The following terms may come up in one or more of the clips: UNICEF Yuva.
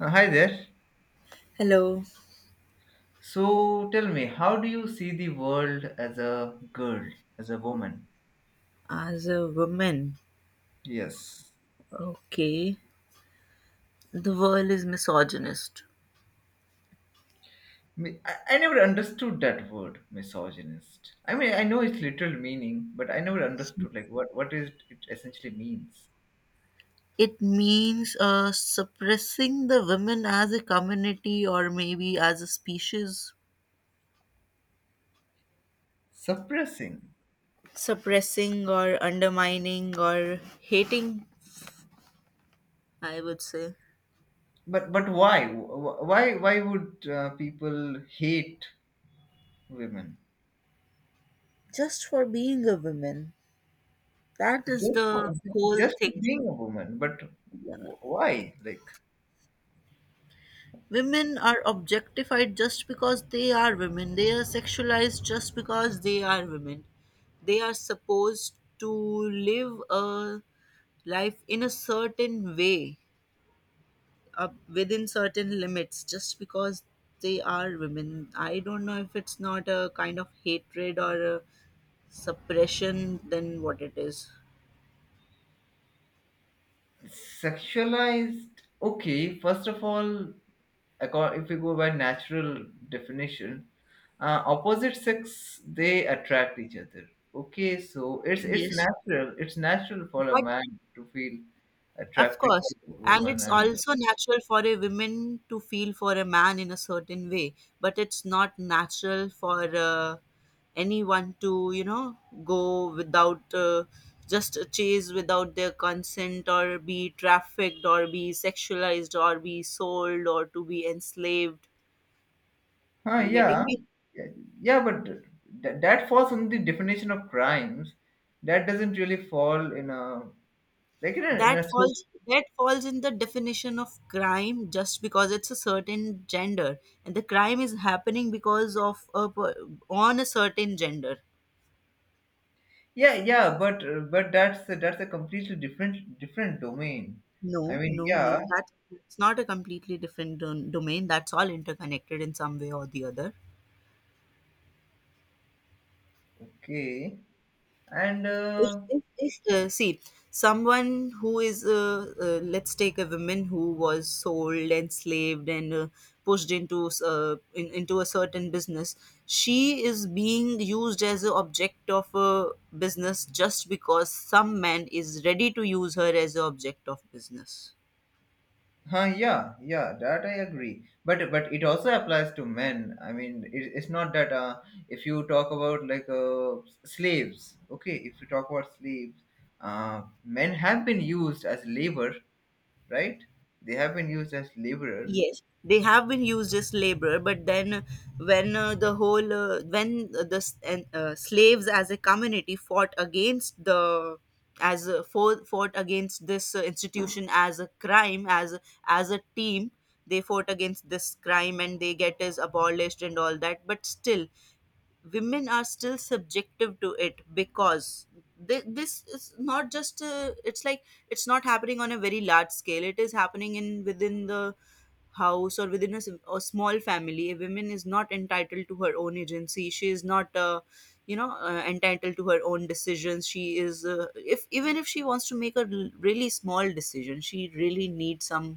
Hi there. Hello, So tell me, how do you see the world as a girl, as a woman? as a woman, Yes. okay, the world is misogynist. I never understood that word, misogynist. I mean, I know its literal meaning, but I never understood like what is it essentially means. It means suppressing the women as a community or maybe as a species, Suppressing. suppressing or undermining or hating, I would say, But why? Why would people hate women? just for being a woman. That is Just the for, whole just for thing. being a woman, but why? Like Women are objectified just because they are women. They are sexualized just because they are women. They are supposed to live a life in a certain way, up within certain limits, just because they are women. I don't know if it's not a kind of hatred or a suppression, then what it is. sexualized, okay, first of all, if we go by natural definition, opposite sex they attract each other, okay, so it's Yes. natural, it's natural for a But man to feel of attracted to course. a And woman it's and also natural for a woman to feel for a man in a certain way, but it's not natural for anyone to, go without just chase without their consent or be trafficked or be sexualized or be sold or to be enslaved. huh, You yeah, getting me? yeah, yeah, but that falls under the definition of crimes, that doesn't really fall in a like in a That falls in the definition of crime just because it's a certain gender, and the crime is happening because of on a certain gender. Yeah, yeah, but that's a completely different domain. no I mean, no no yeah, that It's not a completely different domain, that's all interconnected in some way or the other. okay, and if, if, if uh, see, someone who is let's take a woman who was sold, enslaved, and pushed into a certain business, she is being used as an object of a business just because some man is ready to use her as an object of business. huh, yeah, yeah, that I agree. But it also applies to men. I mean, it, it's not that if you talk about like slaves, okay, if you talk about slaves, men have been used as labor, right? They have been used as laborers. Yes, they have been used as labor, but then when the whole when slaves as a community fought against the, fought against this institution as a crime, as a team, they fought against this crime and they get is abolished and all that, but still women are still subjective to it because this is not just it's like, it's not happening on a very large scale, it is happening in within the house or within a small family. A woman is not entitled to her own agency, she is not entitled to her own decisions. She is if even if she wants to make really small decision, she really needs some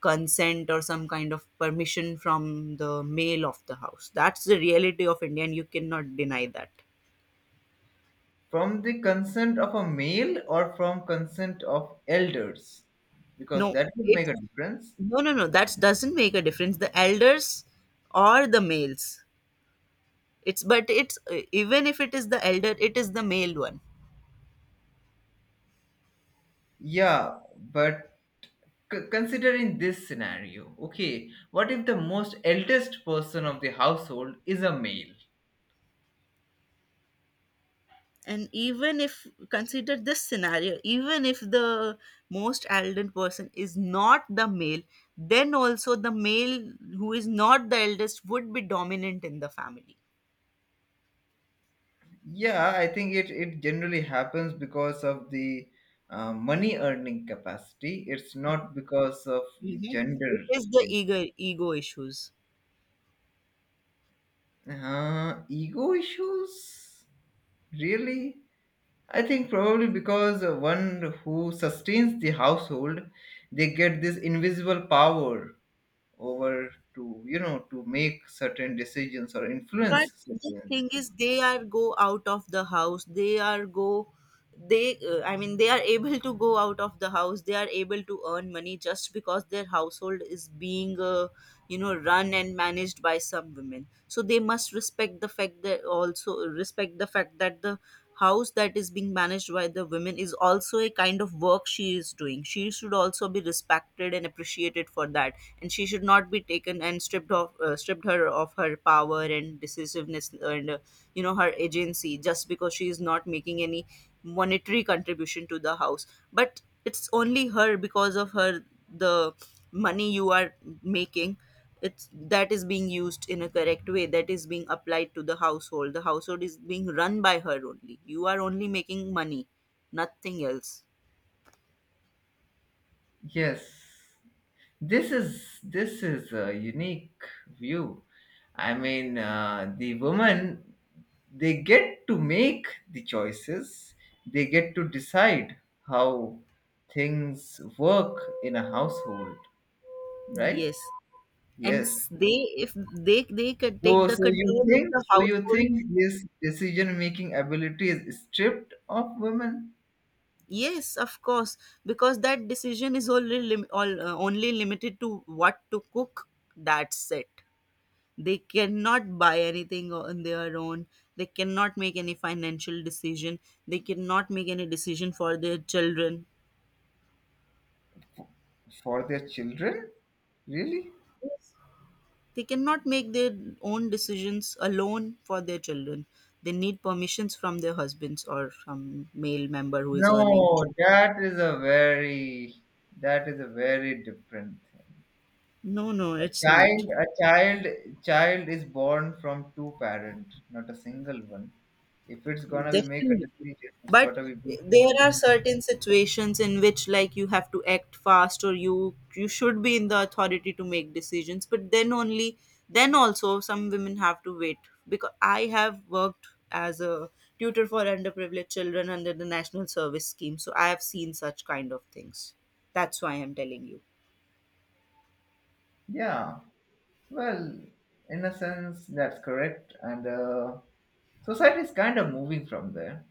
consent or some kind of permission from the male of the house. That's the reality of India, and you cannot deny that. From the consent of a male or from consent of elders? Because no that would make it a difference. No, that doesn't make a difference, the elders or the males, it's even if it is the elder, it is the male one. Yeah, but consider in this scenario. Okay, what if the most eldest person of the household is a male? And even if consider this scenario, even if the most elder person is not the male, then also the male who is not the eldest would be dominant in the family. Yeah, I think it, it generally happens because of the money earning capacity. It's not because of the Mhm. It gender is the thing. ego issues. Ego issues? Really? I think probably because one who sustains the household, they get this invisible power over to, you know, to make certain decisions or But influence the certain thing decisions. is, they are go out of the house they are go they I mean they are able to go out of the house, they are able to earn money just because their household is being run and managed by some women. So they must respect the fact, that also respect the fact that the house that is being managed by the women is also a kind of work she is doing. She should also be respected and appreciated for that, and she should not be taken and stripped her of her power and decisiveness and her agency just because she is not making any monetary contribution to the house. But it's only her, because of her, the money you are making, it's that is being used in a correct way, that is being applied to the household. The household is being run by her only, you are only making money, nothing else. Yes, this is a unique view. I mean, the woman they get to make the choices. They get to decide how things work in a household, right? Yes. and Yes. s- they If they could So, take the so you control of think, the so you household. think this decision-making ability is stripped of women Yes, of course, because that decision is only only limited to what to cook, that's it. They cannot buy anything on their own, they cannot make any financial decision, they cannot make any decision for their children. f- for their children? Really? Yes. They cannot make their own decisions alone for their children, they need permissions from their husbands or some male member who is earning. No, that is a very, that is a very different thing. No, no, it's not. A child, child is born from two parents, not a single one. If it's gonna be make a Definitely. decision, it's But gotta be big there one. are certain situations in which like you have to act fast, or you should be in the authority to make decisions, but then only, then also some women have to wait, because I have worked as a tutor for underprivileged children under the National Service Scheme, so I have seen such kind of things. That's why I'm telling you. Yeah. Well, in a sense, that's correct. And society is kind of moving from there.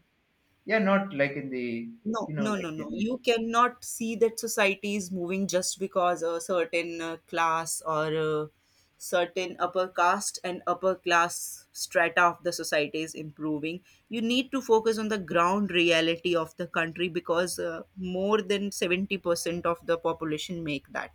Yeah, not like in the, No, you know, no, like no, no. in the. You cannot see that society is moving just because a certain class or a certain upper caste and upper class strata of the society is improving. You need to focus on the ground reality of the country because more than 70% of the population make that.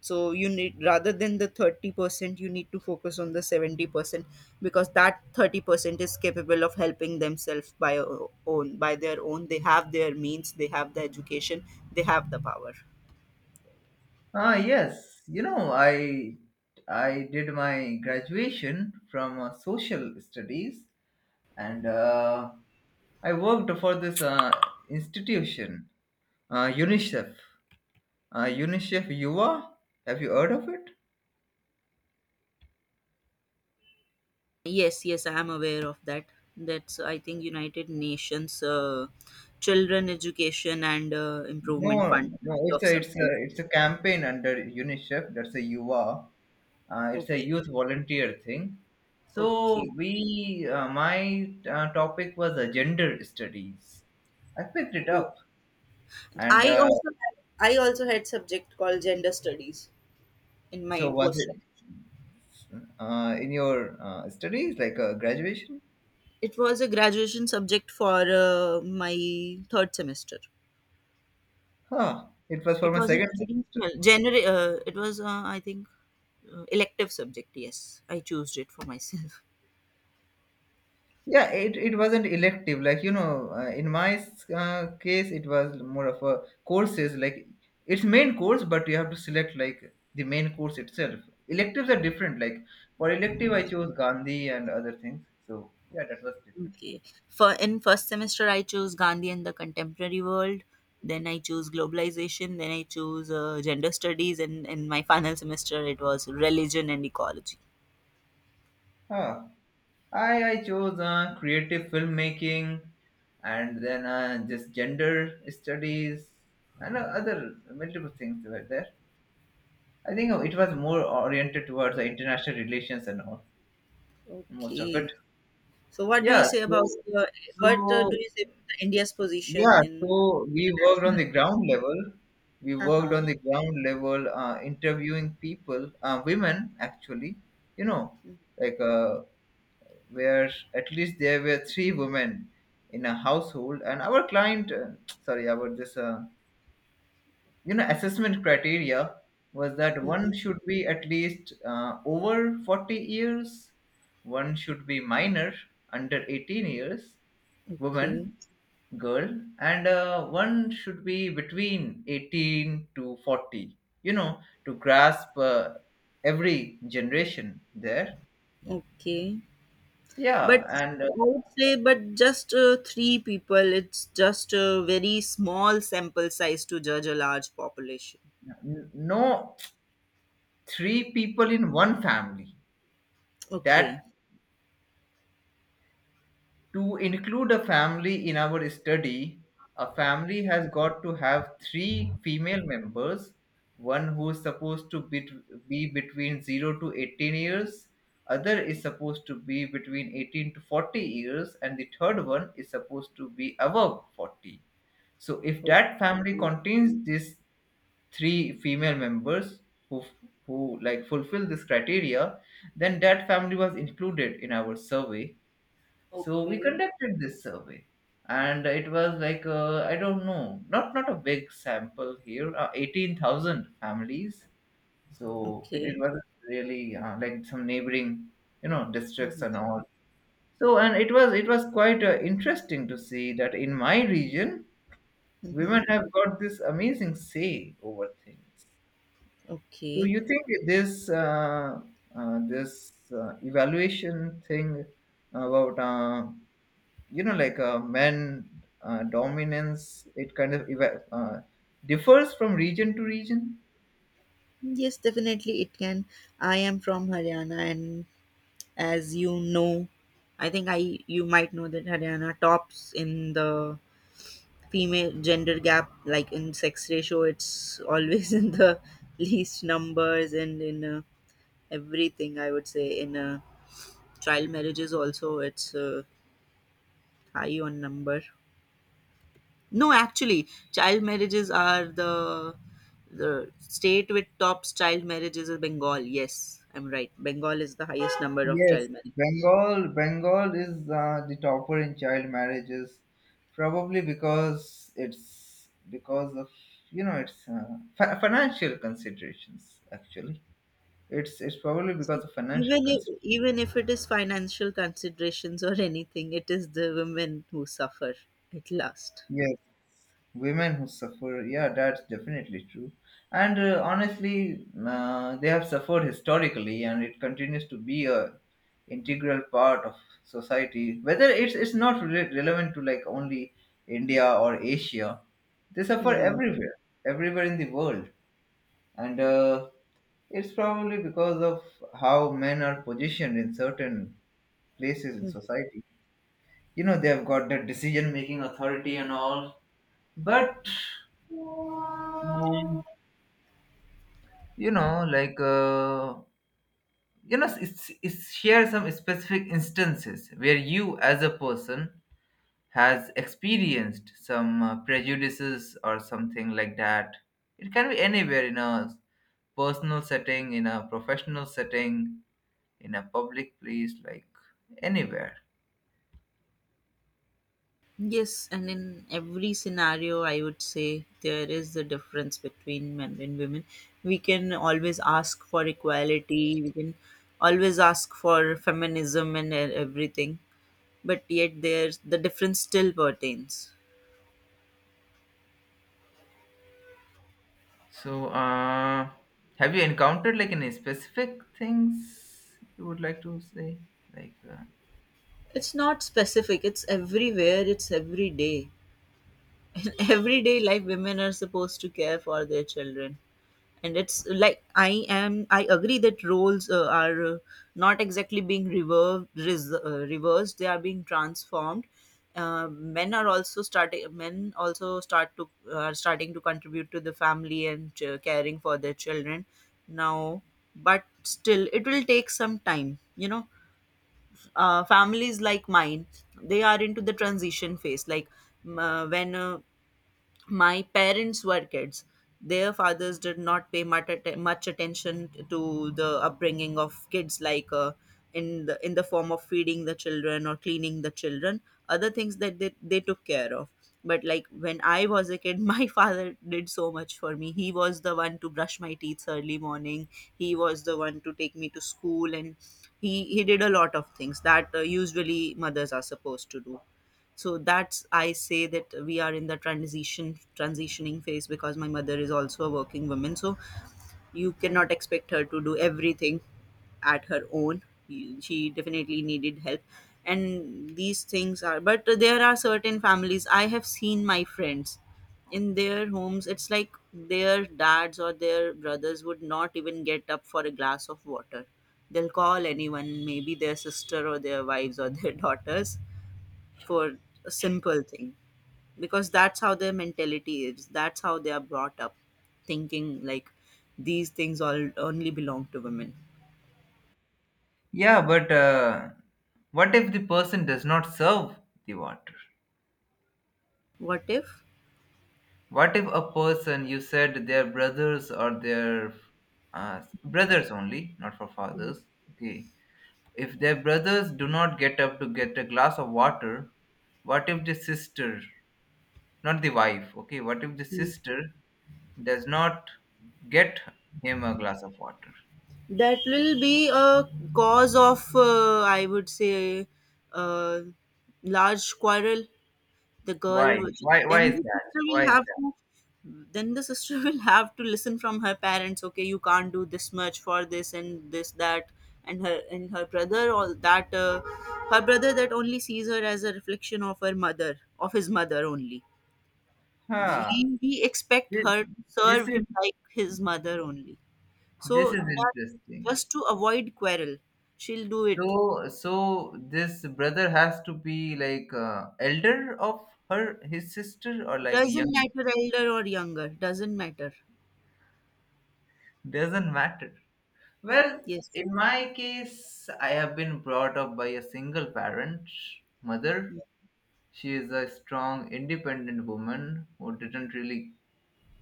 So you need, rather than the 30%, you need to focus on the 70%, because that 30% is capable of helping themselves by their own. They have their means, they have the education, they have the power. Ah, yes. You know, I did my graduation from social studies, and I worked for this institution, UNICEF. UNICEF Yuva. Have you heard of it? Yes, yes, I am aware of that. That's, I think, United Nations Children Education and Improvement No, Fund no. It's of a it's a something. it's a campaign under UNICEF. That's a Yuva. It's a Okay, youth volunteer thing. So okay. we, my topic was gender studies. I picked it up, and I also had, I also had subject called gender studies in so my was post. it in your studies like graduation? It was a graduation subject for my third semester. Huh, it was for It my was an second semester. additional general. It was I think elective subject. Yes, I chose it for myself. Yeah, it wasn't elective like, you know, in my case it was more of a courses, like it's main course but you have to select like the main course itself. Electives are different, like for elective I chose Gandhi and other things, so yeah, that was different. Okay. For in first semester, I chose Gandhi and the contemporary world. Then I chose globalization. Then I chose gender studies, and in my final semester, it was religion and ecology. Huh. I chose creative filmmaking and then just gender studies and other multiple things were there. I think it was more oriented towards the international relations and all, most of it. Okay. So, what do you Yeah, say about so your, what do so you say about India's position yeah, in so we worked on international? the ground level. We worked Uh-huh. on the ground level, interviewing people, women actually. You know, like where at least there were three women in a household, and our client, sorry, our this, you know, assessment criteria was that Mhm. one should be at least over 40 years, one should be minor under 18 years, Okay, woman, girl, and one should be between 18 to 40, you know, to grasp every generation there. okay. But Yeah, and I would say, but just three people, it's just a very small sample size to judge a large population. No, three people in one family, Okay, that to include a family in our study, a family has got to have three female members, one who is supposed to be between 0 to 18 years, other is supposed to be between 18 to 40 years, and the third one is supposed to be above 40. So if that family okay, contains these three female members who who like fulfill this criteria, then that family was included in our survey. So we okay, conducted this survey, and it was like, I don't know, not not a big sample here, 18,000 families. So it okay. was really like some neighboring, you know, districts and Mm-hmm. all. So and it was quite interesting to see that in my region, women Mm-hmm. have got this amazing say over things. So Okay. you think this this evaluation thing about you know like men dominance, it kind of differs from region to region? Yes, definitely it can. I am from Haryana, and as you know, I think I you might know that Haryana tops in the female gender gap, like in sex ratio it's always in the least numbers, and in everything, I would say, in child marriages also it's high on number. No, actually, child marriages are the state with tops child marriages is Bengal. Yes, I'm right, Bengal is the highest number of Yes. child marriages. Bengal, Bengal is the topper in child marriages, probably because it's because of, you know, it's financial considerations, actually. It's probably because See, of financial considerations. even if it is financial considerations or anything, it is the women who suffer at last. Yes, women who suffer. Yeah, that's definitely true. And honestly, they have suffered historically, and it continues to be a integral part of society. Whether it's not relevant to like only India or Asia, they suffer Mhm, everywhere, everywhere in the world, and it's probably because of how men are positioned in certain places in mhm. society. You know, they have got that decision-making authority and all, but um, you know like, you know it's share some specific instances where you as a person has experienced some prejudices or something like that. It can be anywhere, in a personal setting, in a professional setting, in a public place, like anywhere. Yes, and in every scenario, I would say there is the difference between men and women. We can always ask for equality, we can always ask for feminism and everything, but yet there's the difference still pertains. So have you encountered like any specific things you would like to say, like It's not specific, it's everywhere, it's every day. In everyday life, women are supposed to care for their children, and it's like, I am I agree that roles are not exactly being reversed, they are being transformed. Men are also starting men also start to are starting to contribute to the family and caring for their children now. But still it will take some time, you know. Families like mine, they are into the transition phase. When my parents were kids, their fathers did not pay much, much attention to the upbringing of kids, like in the form of feeding the children or cleaning the children, other things that they took care of. But like when I was a kid, my father did so much for me. He was the one to brush my teeth early morning, he was the one to take me to school, and he did a lot of things that usually mothers are supposed to do. So that's, I say, that we are in the transitioning phase, because my mother is also a working woman, so you cannot expect her to do everything at her own. You- she definitely needed help, and these things are, but there are certain families, I have seen my friends, in their homes it's like their dads or their brothers would not even get up for a glass of water. They'll call anyone, maybe their sister or their wives or their daughters for a simple thing, because that's how their mentality is, that's how they are brought up, thinking like these things all only belong to women. Yeah, but what if the person does not serve the water? What if? What if a person, you said their brothers or their brothers only, not for fathers? Okay. If their brothers do not get up to get a glass of water, what if the sister, not the wife, okay, what if the sister does not get him a glass of water? That will be a cause of I would say, uh, large quarrel. the Why? girl which, Why? Why then is the that? sister Why is will have that? to, then the sister will have to listen from her parents, okay, you can't do this much for this and this that, and her, and her brother All that her brother that only sees her as a reflection of her mother, of his mother only. Huh. We expect This, her to this serve is him like his mother only, this so is that, interesting. just to avoid quarrel, she'll do it. So, so this brother has to be like elder of her, his sister, or like Doesn't young. matter, elder or younger, doesn't matter. Doesn't matter. Well, Yes. in my case, I have been brought up by a single parent, mother. She is a strong, independent woman who didn't really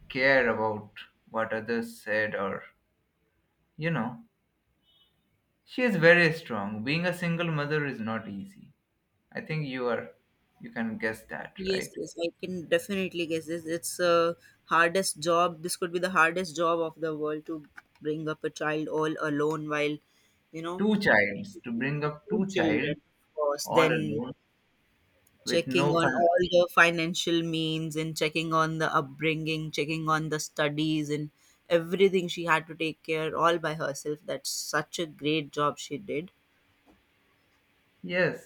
care about what others said, or you know, she is very strong. Being a single mother is not easy. I think you are, you can guess that, Yes, right? yes, I can definitely guess this. It's a hardest job. This could be the hardest job of the world to bring up a child all alone while, you know, Two childs to bring up, two two child children, of course. all Then alone with checking no on fun. all the financial means and checking on the upbringing, checking on the studies, and everything she had to take care all by herself. That's such a great job she did. Yes,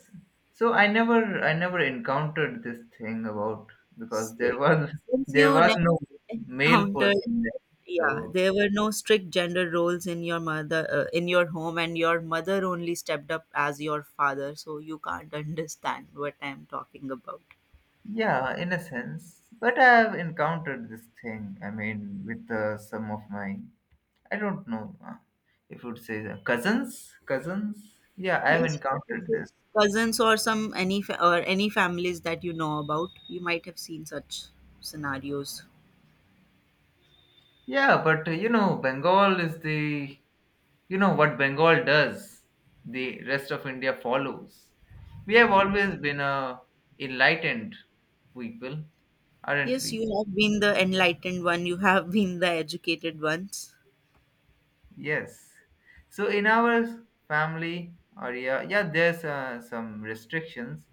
so I never, I never encountered this thing about, because So, there was since there you was never no male encountered. person there. So Yeah, there were no strict gender roles in your mother in your home, and your mother only stepped up as your father, so you can't understand what I'm talking about. yeah, in a sense, but I have encountered this thing, I mean, with some of my, I don't know, if you would say the cousins, cousins, yeah, I have Yes, you can encountered say this. cousins or some or any families that you know about, you might have seen such scenarios. Yeah, but you know, Bengal is the, you know what Bengal does, the rest of India follows. We have always been a enlightened people, aren't Yes, we? you have been the enlightened one. You have been the educated ones. Yes, so in our family area, yeah, yeah, there's some restrictions,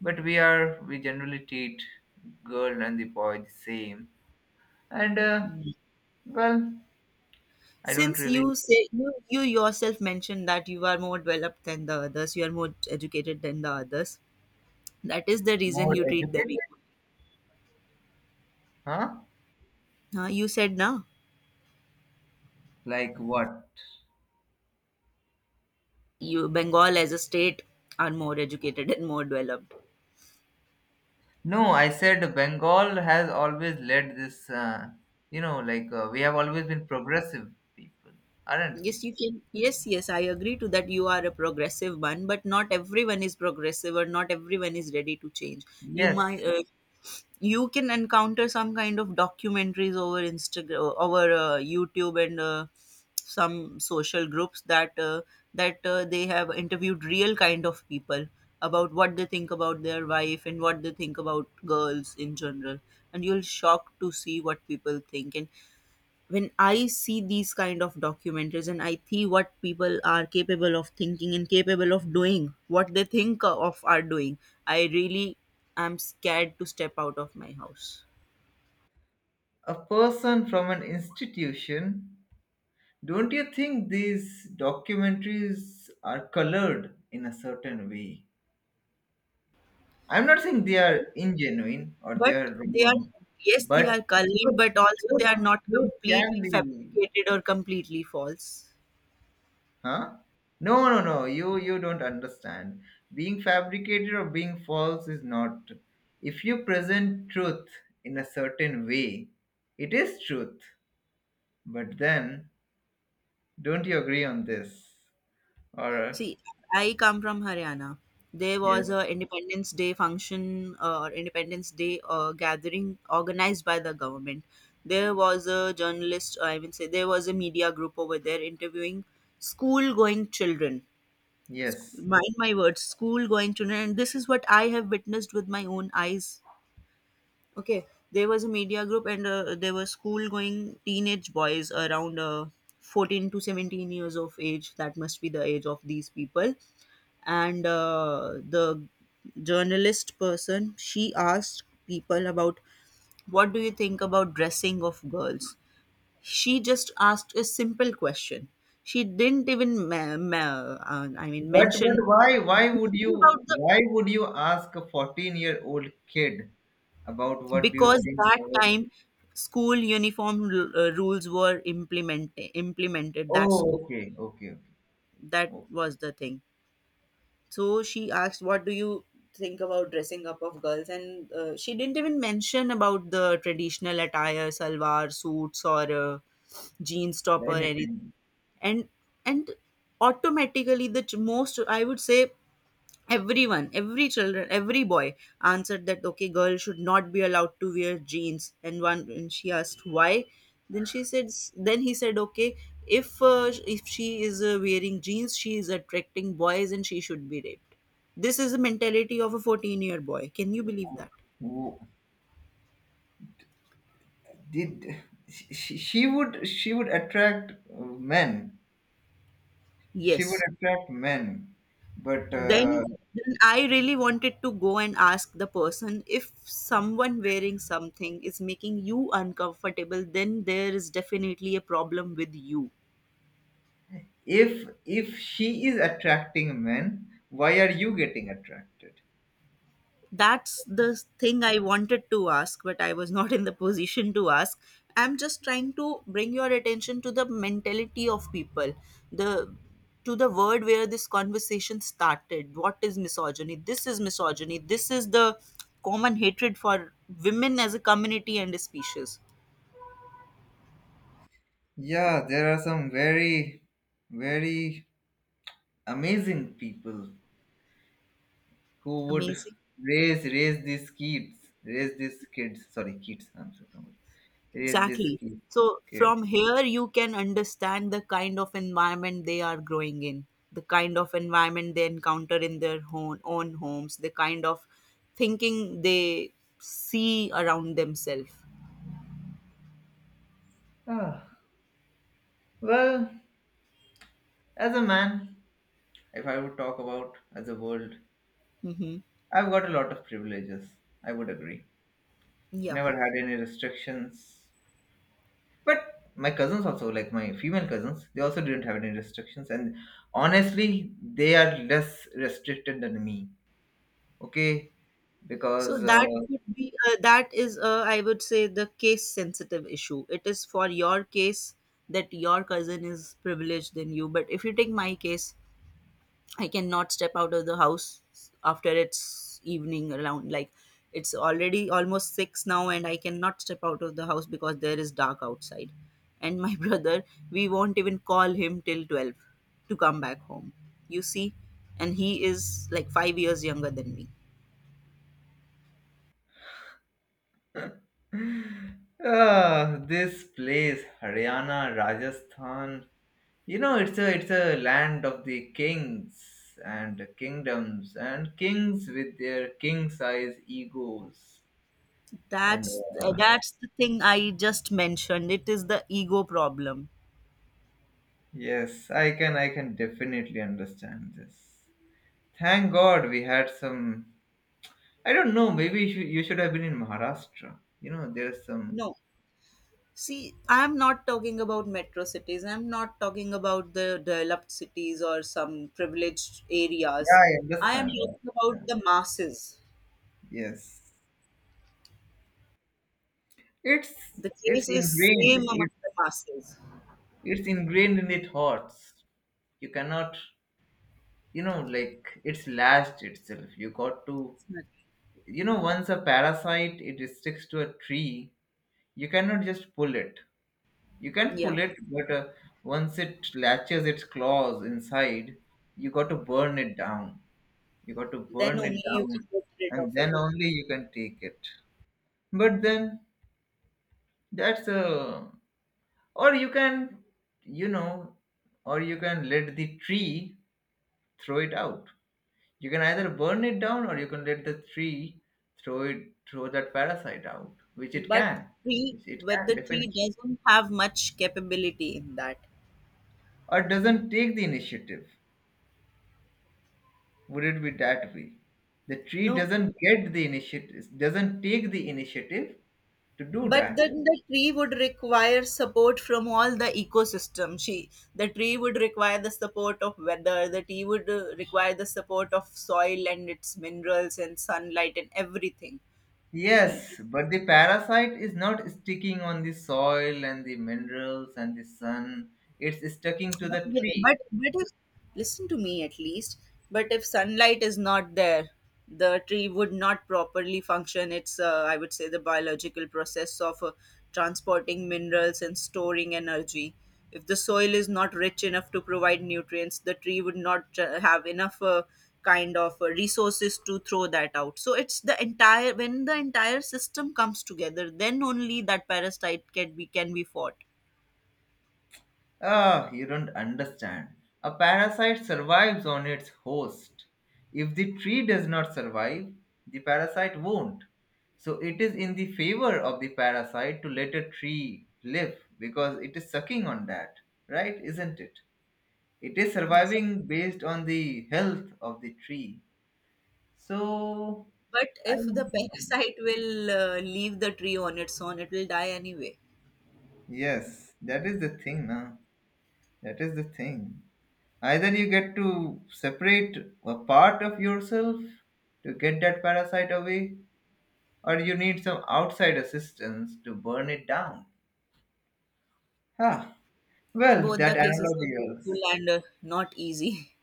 but we are, we generally treat girl and the boy the same, and well, I don't Since really you say you yourself mentioned that you are more developed than the others, you are more educated than the others. That is the reason more you treat them educated, equal. huh, Huh? You said now like what. you Bengal as a state are more educated and more developed. No, I said Bengal has always led this, you know, like we have always been progressive people, aren't we? Yes, you can. Yes, yes, I agree to that. You are a progressive one, but not everyone is progressive, or not everyone is ready to change. You might Yes, you can encounter some kind of documentaries over Instagram, over YouTube, and some social groups that they have interviewed real kind of people about what they think about their wife and what they think about girls in general, and you'll shocked to see what people think. And when I see these kind of documentaries and I see what people are capable of thinking and capable of doing, what they think of are doing, I really am scared to step out of my house. a person from an institution. Don't you think these documentaries are colored in a certain way? I'm not saying they are ingenuine or they But are they are, wrong, yes, but they are colored, truth, but also they truth, are not truth can completely be fabricated or completely false. Huh? No, no, no. You don't understand. Being fabricated or being false is not. If you present truth in a certain way, it is truth. But then, don't you agree on this? Or See, I come from Haryana. There yes, was a Independence Day function or Independence Day gathering organized by the government. There was a journalist, I mean, say there was a media group over there interviewing school-going children. yes. Mind my words, school-going children, and this is what I have witnessed with my own eyes. Okay, there was a media group, and there were school-going teenage boys around 14 to 17 years of age. That must be the age of these people. And the journalist person, she asked people about, what do you think about dressing of girls? She just asked a simple question. She didn't even I mean, But mention but about the, why would you ask a 14 year old kid about what do you because think? that time school uniform rules were implemented, that school, Oh, okay, okay, okay, that okay. was the thing. So she asked, "What do you think about dressing up of girls?" And she didn't even mention about the traditional attire, salwar suits, or jeans top or anything. Anything. And and automatically, most, I would say, everyone, every children, every boy answered that, okay, girl should not be allowed to wear jeans and one. And she asked why. Then she said, then he said, okay, if she is wearing jeans, she is attracting boys and she should be raped. This is the mentality of a 14-year boy. Can you believe that? Wh- did she would attract uh, men, she would Yes. attract men, but Then, then I really wanted to go and ask the person, if someone wearing something is making you uncomfortable, then there is definitely a problem with you. If she is attracting men, why are you getting attracted? That's the thing I wanted to ask, but I was not in the position to ask. I'm just trying to bring your attention to the mentality of people, the, to the word where this conversation started. What is misogyny? This is misogyny. This is the common hatred for women as a community and a species. Yeah, there are some very very amazing people who would Amazing. raise raise these kids, raise these kids, sorry kids, I'm so confused. Raise these Exactly. kids, So kids, from here, you can understand the kind of environment they are growing in, the kind of environment they encounter in their own, own homes, the kind of thinking they see around themselves. ah, well, as a man, if I would talk about as a world, Mm-hmm. I've got a lot of privileges. I would agree. Yeah. Never had any restrictions. But my cousins also, like my female cousins, they also didn't have any restrictions. And honestly, they are less restricted than me. Okay? So Because that could be that is I would say the case sensitive issue. It is for your case that your cousin is privileged than you, but if you take my case, I cannot step out of the house after it's evening, around like it's already almost 6 now, and I cannot step out of the house because there is dark outside. And my brother, we won't even call him till 12 to come back home, you see. And he is like 5 years younger than me. ah, this place, Haryana, Rajasthan, you know, it's a land of the kings and kingdoms and kings with their king-size egos, and uh, That's the thing I just mentioned, it is the ego problem. yes, I can definitely understand this. Thank God we had some, I don't know, maybe you should have been in Maharashtra. You know, there's some No. See, I'm not talking about metro cities. I'm not talking about the developed cities or some privileged Yeah, areas. I I am understand that. talking about the masses. Yes. It's The it's case is ingrained. same It, among the masses. it's ingrained in the thoughts. You cannot, you know, like it's lashed itself. You got to, you know, once a parasite it sticks to a tree, you cannot just pull it. You can Yeah. pull it, but once it latches its claws inside, you got to burn it down. You got to Then burn only it you down, can get rid of and it. then only you can take it. But then that's a, or you can, you know, or you can let the tree throw it out. You can either burn it down or you can let the tree throw it, throw that parasite out, But tree, which it but can the tree definitely, doesn't have much capability in that. or doesn't take the initiative. Would it be that way? The tree No. doesn't get the initiative, doesn't take the initiative to do But that. then the tree would require support from all the ecosystem. She, the tree would require the support of weather. The tree would require the support of soil and its minerals and sunlight and everything. Yes, He, but the parasite is not sticking on the soil and the minerals and the sun. It's sticking to but, the yeah, tree. But if listen to me at least, but if sunlight is not there, the tree would not properly function. It's I would say the biological process of transporting minerals and storing energy. If the soil is not rich enough to provide nutrients, the tree would not have enough resources to throw that out. So it's the entire, when the entire system comes together, then only that parasite can be fought. Ah, you don't understand. A parasite survives on its host. If the tree does not survive, the parasite won't. So it is in the favor of the parasite to let a tree live because it is sucking on that, right? Isn't it? It is surviving based on the health of the tree. So, But I. if the parasite will leave the tree on its own, it will die anyway. Yes, that is the thing, na. That is the thing. Either you get to separate a part of yourself to get that parasite away, or you need some outside assistance to burn it down. Huh. Well, Both the that cases are analogy painful was and not easy.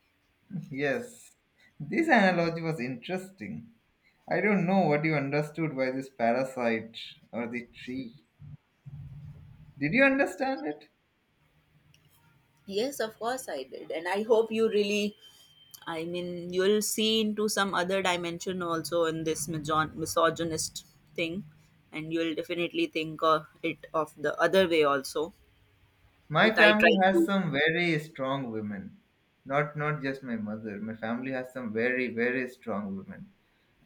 yes, this analogy was interesting. I don't know what you understood by this parasite or the tree. Did you understand it? Yes, of course I did. And I hope you really, I mean, you'll see into some other dimension also in this misogynist thing. And you'll definitely think of it of the other way also My that I family tried has to. some very strong women. Not not just my mother. My family has some very very strong women.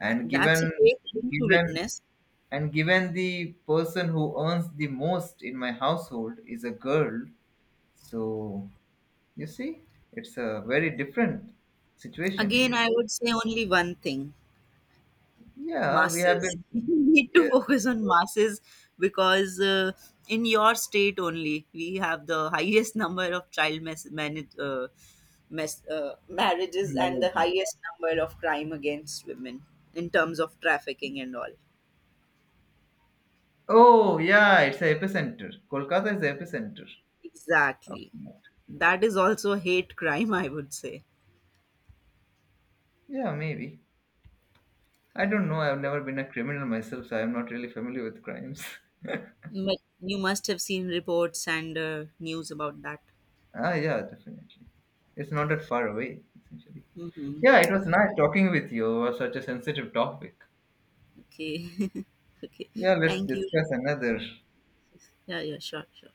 And That's a given, great thing to given witness. and given the person who earns the most in my household is a girl, so you see, it's a very different situation Again, here. I would say only one thing, Yeah, we have masses, been. you need Yeah. to focus on masses, because in your state only we have the highest number of child marriages and the Nairobi. highest number of crime against women in terms of trafficking and all. Oh yeah, it's the epicenter. Kolkata is the epicenter of Exactly. that. That is also hate crime, I would say. Yeah, maybe. I don't know. I've never been a criminal myself, so I'm not really familiar with crimes. But you must have seen reports and news about that. ah, yeah, definitely. It's not that far away, essentially. Mm-hmm. Yeah, it was nice talking with you over such a sensitive topic. Okay. Okay. Yeah, let's Thank you. discuss another. Yeah, yeah, sure, sure.